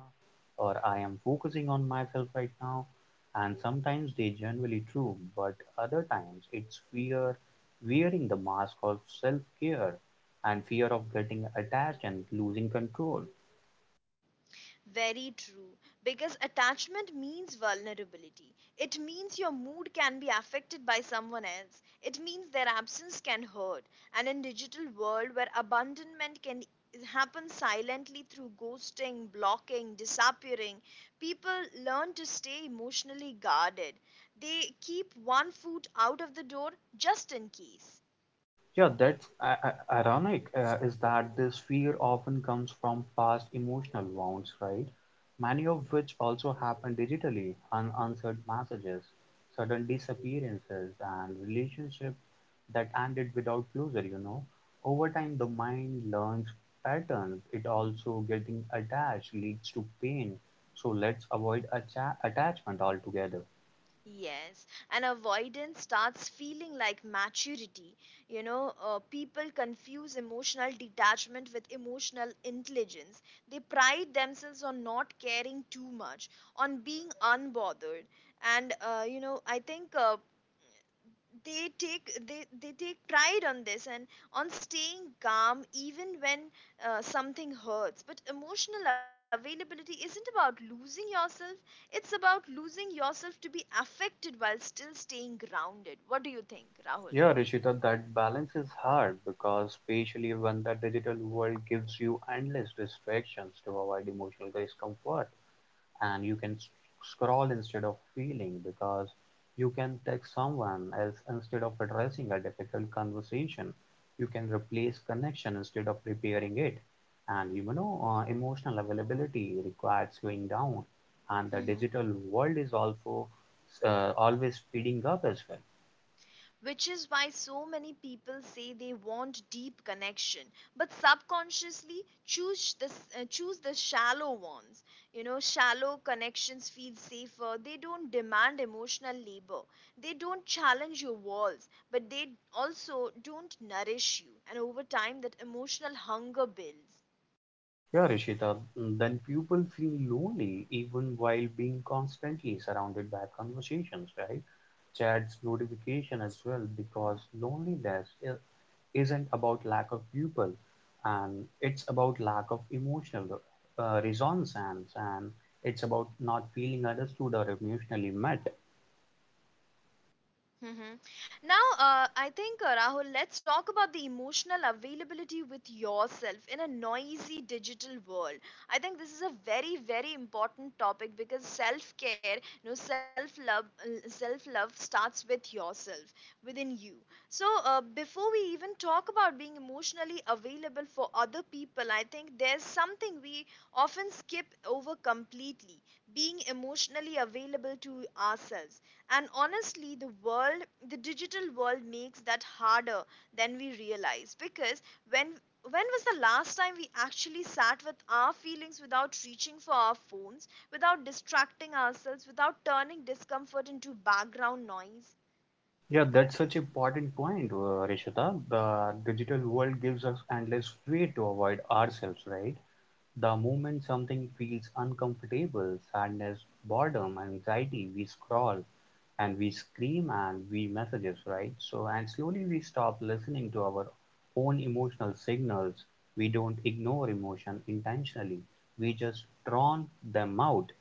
Speaker 2: or I am focusing on myself right now. And sometimes they generally true, but other times it's fear, wearing the mask of self-care and fear of getting attached and losing control.
Speaker 1: Very true. Because attachment means vulnerability. It means your mood can be affected by someone else. It means their absence can hurt. And in digital world where abandonment can happen silently through ghosting, blocking, disappearing, people learn to stay emotionally guarded. They keep one foot out of the door just in case.
Speaker 2: Yeah, that's ironic, is that this fear often comes from past emotional wounds, right? Many of which also happen digitally, unanswered messages, sudden disappearances, and relationships that ended without closure, you know. Over time, the mind learns patterns. It also getting attached leads to pain. So let's avoid attachment altogether.
Speaker 1: Yes, and avoidance starts feeling like maturity. You know, people confuse emotional detachment with emotional intelligence. They pride themselves on not caring too much, on being unbothered. And, you know, I think they take pride on this and on staying calm even when something hurts. But emotional availability isn't about losing yourself, it's about losing yourself to be affected while still staying grounded. What do you think, Rahul?
Speaker 2: Yeah, Rishita, that balance is hard because especially when the digital world gives you endless distractions to avoid emotional discomfort, and you can scroll instead of feeling, because you can text someone else instead of addressing a difficult conversation. You can replace connection instead of repairing it. And emotional availability requires slowing down, and the
Speaker 1: Hmm.
Speaker 2: digital world is also always speeding up as well.
Speaker 1: Which is why so many people say they want deep connection but subconsciously choose this choose the shallow ones. You know, shallow connections feel safer. They don't demand emotional labor, they don't challenge your walls, but they also don't nourish you, and over time that emotional hunger builds.
Speaker 2: Yeah, Rishita, then people feel lonely even while being constantly surrounded by conversations, right? Chats, notification as well, because loneliness isn't about lack of people, and it's about lack of emotional resonance, and it's about not feeling understood or emotionally met.
Speaker 1: Hmm. Now, I think, Rahul, let's talk about the emotional availability with yourself in a noisy digital world. I think this is a very, very important topic because self care, you know, self love starts with yourself, within you. So, before we even talk about being emotionally available for other people, I think there's something we often skip over completely: being emotionally available to ourselves. And honestly, the world, the digital world makes that harder than we realize, because when when was the last time we actually sat with our feelings without reaching for our phones, without distracting ourselves, without turning discomfort into background noise?
Speaker 2: Yeah, that's such important point, Rishita. The digital world gives us endless way to avoid ourselves, right? The moment something feels uncomfortable, sadness, boredom, anxiety, we scroll and we scream and we messages, right? So, and slowly we stop listening to our own emotional signals. We don't ignore emotion intentionally. We just drown them out.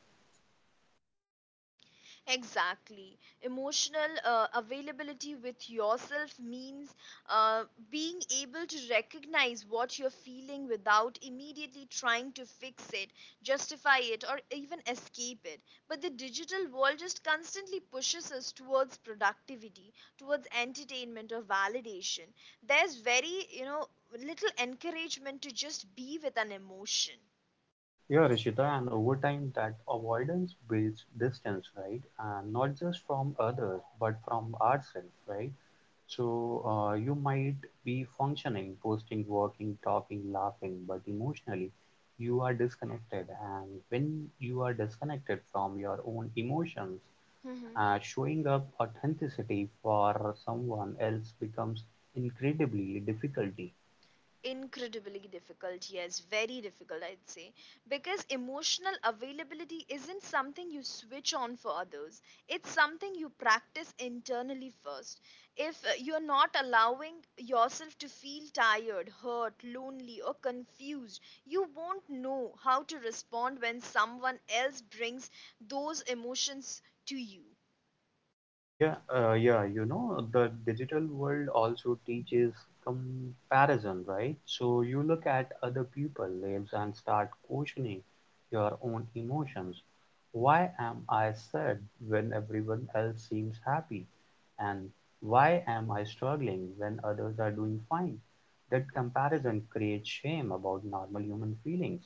Speaker 1: Exactly. Emotional availability with yourself means uh, being able to recognize what you're feeling without immediately trying to fix it, justify it, or even escape it. But the digital world just constantly pushes us towards productivity, towards entertainment or validation. There's very, you know, little encouragement to just be with an emotion.
Speaker 2: Yeah, Rishita, and over time that avoidance builds distance, right? And not just from others, but from ourselves, right? So you might be functioning, posting, working, talking, laughing, but emotionally you are disconnected. And when you are disconnected from your own emotions, showing up authenticity for someone else becomes incredibly difficult.
Speaker 1: Incredibly difficult, yes, very difficult, I'd say. Because emotional availability isn't something you switch on for others, it's something you practice internally first. If you're not allowing yourself to feel tired, hurt, lonely or confused, you won't know how to respond when someone else brings those emotions to you.
Speaker 2: Yeah, you know, the digital world also teaches comparison, right? So you look at other people's lives and start questioning your own emotions. Why am I sad when everyone else seems happy? And why am I struggling when others are doing fine? That comparison creates shame about normal human feelings.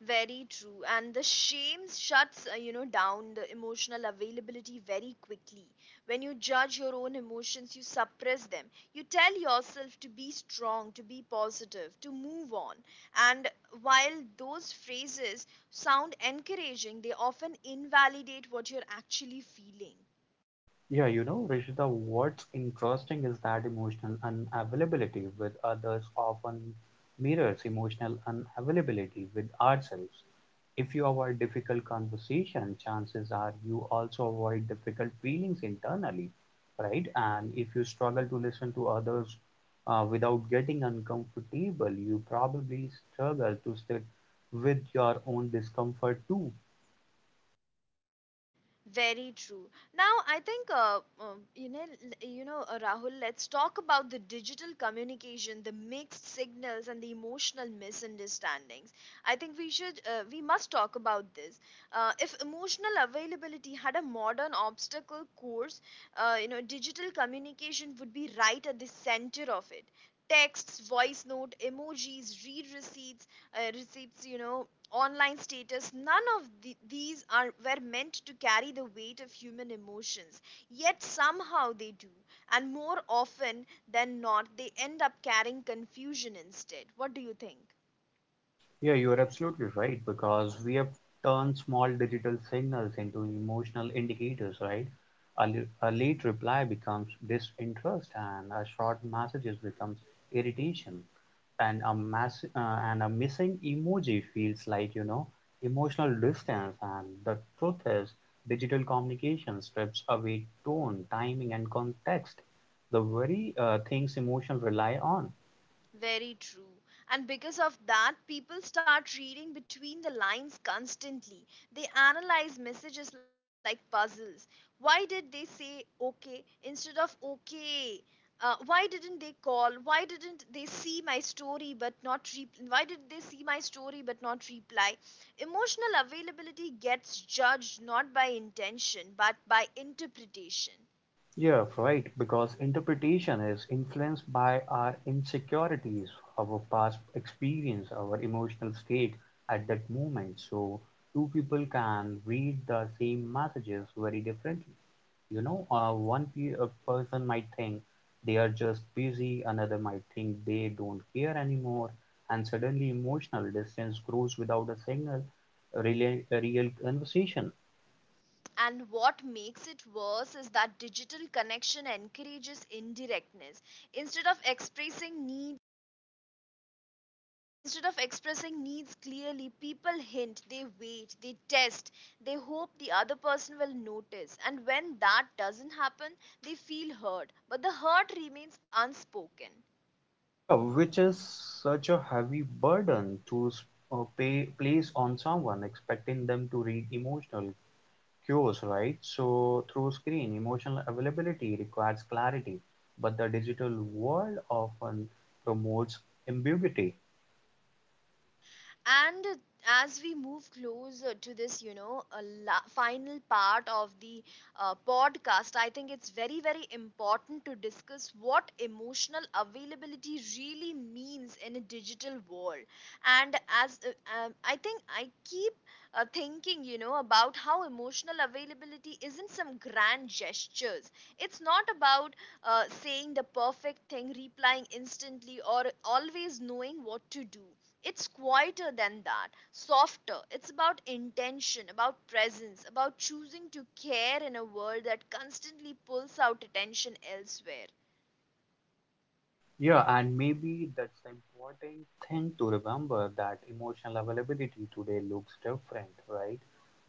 Speaker 1: Very true. And the shame shuts, you know, down the emotional availability very quickly. When you judge your own emotions, you suppress them. You tell yourself to be strong, to be positive, to move on. And while those phrases sound encouraging, they often invalidate what you're actually feeling.
Speaker 2: Yeah, you know, Rishita, what's interesting is that emotional unavailability with others often mirrors emotional unavailability with ourselves. If you avoid difficult conversation, chances are you also avoid difficult feelings internally, right? And if you struggle to listen to others without getting uncomfortable, you probably struggle to sit with your own discomfort too.
Speaker 1: Very true. Now, I think, Rahul, let's talk about the digital communication, the mixed signals, and the emotional misunderstandings. I think we should, we must talk about this. If emotional availability had a modern obstacle course, you know, digital communication would be right at the center of it. Texts, voice note, emojis, read receipts, receipts, you know, online status, none of the, these are were meant to carry the weight of human emotions. Yet somehow they do, and more often than not, they end up carrying confusion instead. What do you think?
Speaker 2: Yeah, you are absolutely right, because we have turned small digital signals into emotional indicators, right? A late reply becomes disinterest, and a short messages becomes irritation, and a mass and a missing emoji feels like, you know, emotional distance. And the truth is, digital communication strips away tone, timing, and context, the very things emotion rely on.
Speaker 1: Very true. And because of that, people start reading between the lines constantly. They analyze messages like puzzles. Why did they say okay instead of okay? Why didn't they call? Why didn't they see my story but not re- Why did they see my story but not reply? Emotional availability gets judged not by intention but by interpretation.
Speaker 2: Yeah, right, because interpretation is influenced by our insecurities, our past experience, our emotional state at that moment. So, two people can read the same messages very differently. A person might think they are just busy, another might think they don't care anymore, and suddenly emotional distance grows without a single real, real conversation.
Speaker 1: And what makes it worse is that digital connection encourages indirectness. Instead of expressing needs, instead of expressing needs clearly, people hint, they wait, they test, they hope the other person will notice. And when that doesn't happen, they feel hurt, but the hurt remains unspoken.
Speaker 2: Yeah, which is such a heavy burden to place on someone, expecting them to read emotional cues, right? So, through screen, emotional availability requires clarity, but the digital world often promotes ambiguity.
Speaker 1: And as we move closer to this, you know, final part of the podcast, I think it's very, very important to discuss what emotional availability really means in a digital world. And as I think I keep thinking, you know, about how emotional availability isn't some grand gestures. It's not about saying the perfect thing, replying instantly, or always knowing what to do. It's quieter than that, softer. It's about intention, about presence, about choosing to care in a world that constantly pulls out attention elsewhere.
Speaker 2: Yeah, and maybe that's the important thing to remember, that emotional availability today looks different, right,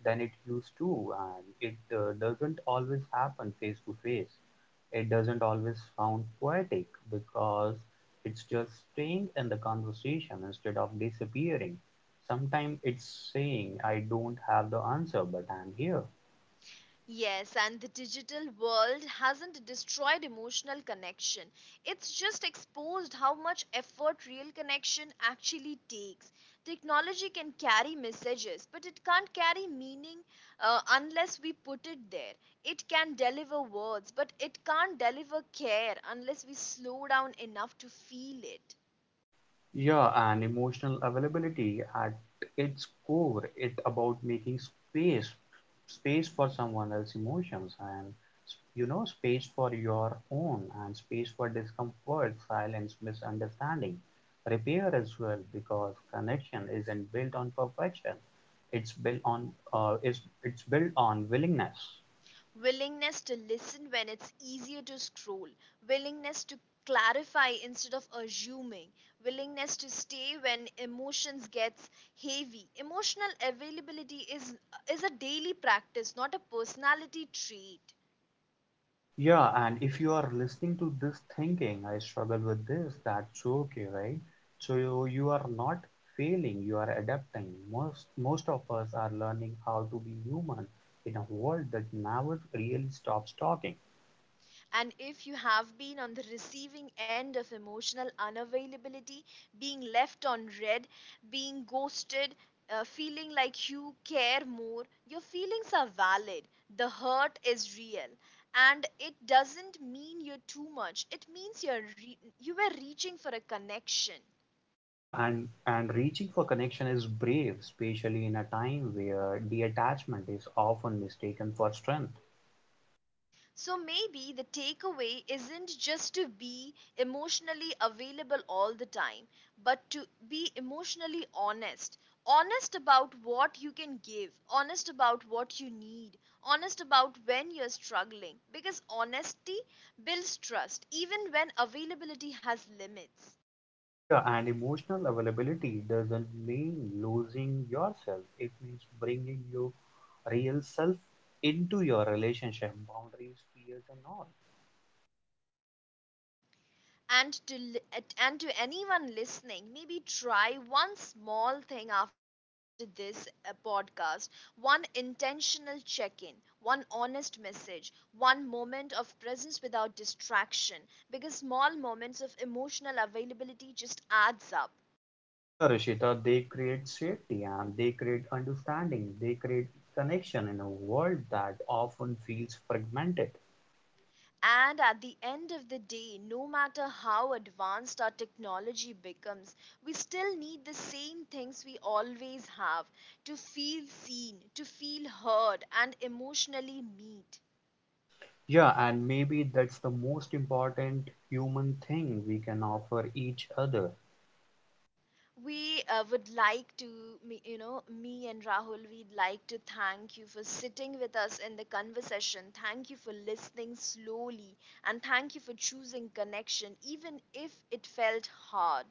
Speaker 2: than it used to, and it doesn't always happen face to face. It doesn't always sound poetic because it's just staying in the conversation instead of disappearing. Sometimes it's saying, I don't have the answer, but I'm here.
Speaker 1: Yes, and the digital world hasn't destroyed emotional connection. It's just exposed how much effort real connection actually takes. Technology can carry messages, but it can't carry meaning unless we put it there. It can deliver words, but it can't deliver care unless we slow down enough to feel it.
Speaker 2: Yeah, and emotional availability at its core, it about making space, space for someone else's emotions and you know space for your own, and space for discomfort, silence, misunderstanding, repair as well, because connection isn't built on perfection. It's built on willingness.
Speaker 1: Willingness to listen when it's easier to scroll, willingness to clarify instead of assuming, willingness to stay when emotions gets heavy. Emotional availability is a daily practice, not a personality trait.
Speaker 2: Yeah, and if you are listening to this thinking, I struggle with this, that's okay, right? So you, are not failing, you are adapting. Most of us are learning how to be human in a world that never really stops talking.
Speaker 1: And if you have been on the receiving end of emotional unavailability, being left on red, being ghosted, feeling like you care more, your feelings are valid. The hurt is real. And it doesn't mean you're too much. It means you were reaching for a connection.
Speaker 2: Yeah, and reaching for connection is brave, especially in a time where detachment is often mistaken for strength.
Speaker 1: So maybe the takeaway isn't just to be emotionally available all the time, but to be emotionally honest. Honest about what you can give, honest about what you need, honest about when you're struggling. Because honesty builds trust, even when availability has limits.
Speaker 2: Yeah, and emotional availability doesn't mean losing yourself. It means bringing your real self into your relationship, boundaries, fears, and all.
Speaker 1: And to and to anyone listening, maybe try one small thing after this podcast: one intentional check in, one honest message, one moment of presence without distraction, because small moments of emotional availability just adds up.
Speaker 2: Yeah, Rishita, they create safety and they create understanding, they create connection in a world that often feels fragmented.
Speaker 1: And at the end of the day, no matter how advanced our technology becomes, we still need the same things we always have: to feel seen, to feel heard, and emotionally meet.
Speaker 2: Yeah, and maybe that's the most important human thing we can offer each other.
Speaker 1: We would like to, you know, me and Rahul, we'd like to thank you for sitting with us in the conversation. Thank you for listening slowly, and thank you for choosing connection, even if it felt hard.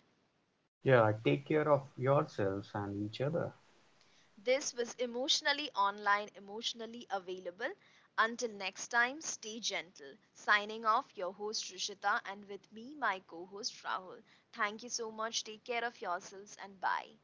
Speaker 2: Yeah, take care of yourselves and each other.
Speaker 1: This was emotionally online, emotionally available. Until next time, stay gentle. Signing off, your host Rishita, and with me, my co host Rahul. Thank you so much. Take care of yourselves and bye.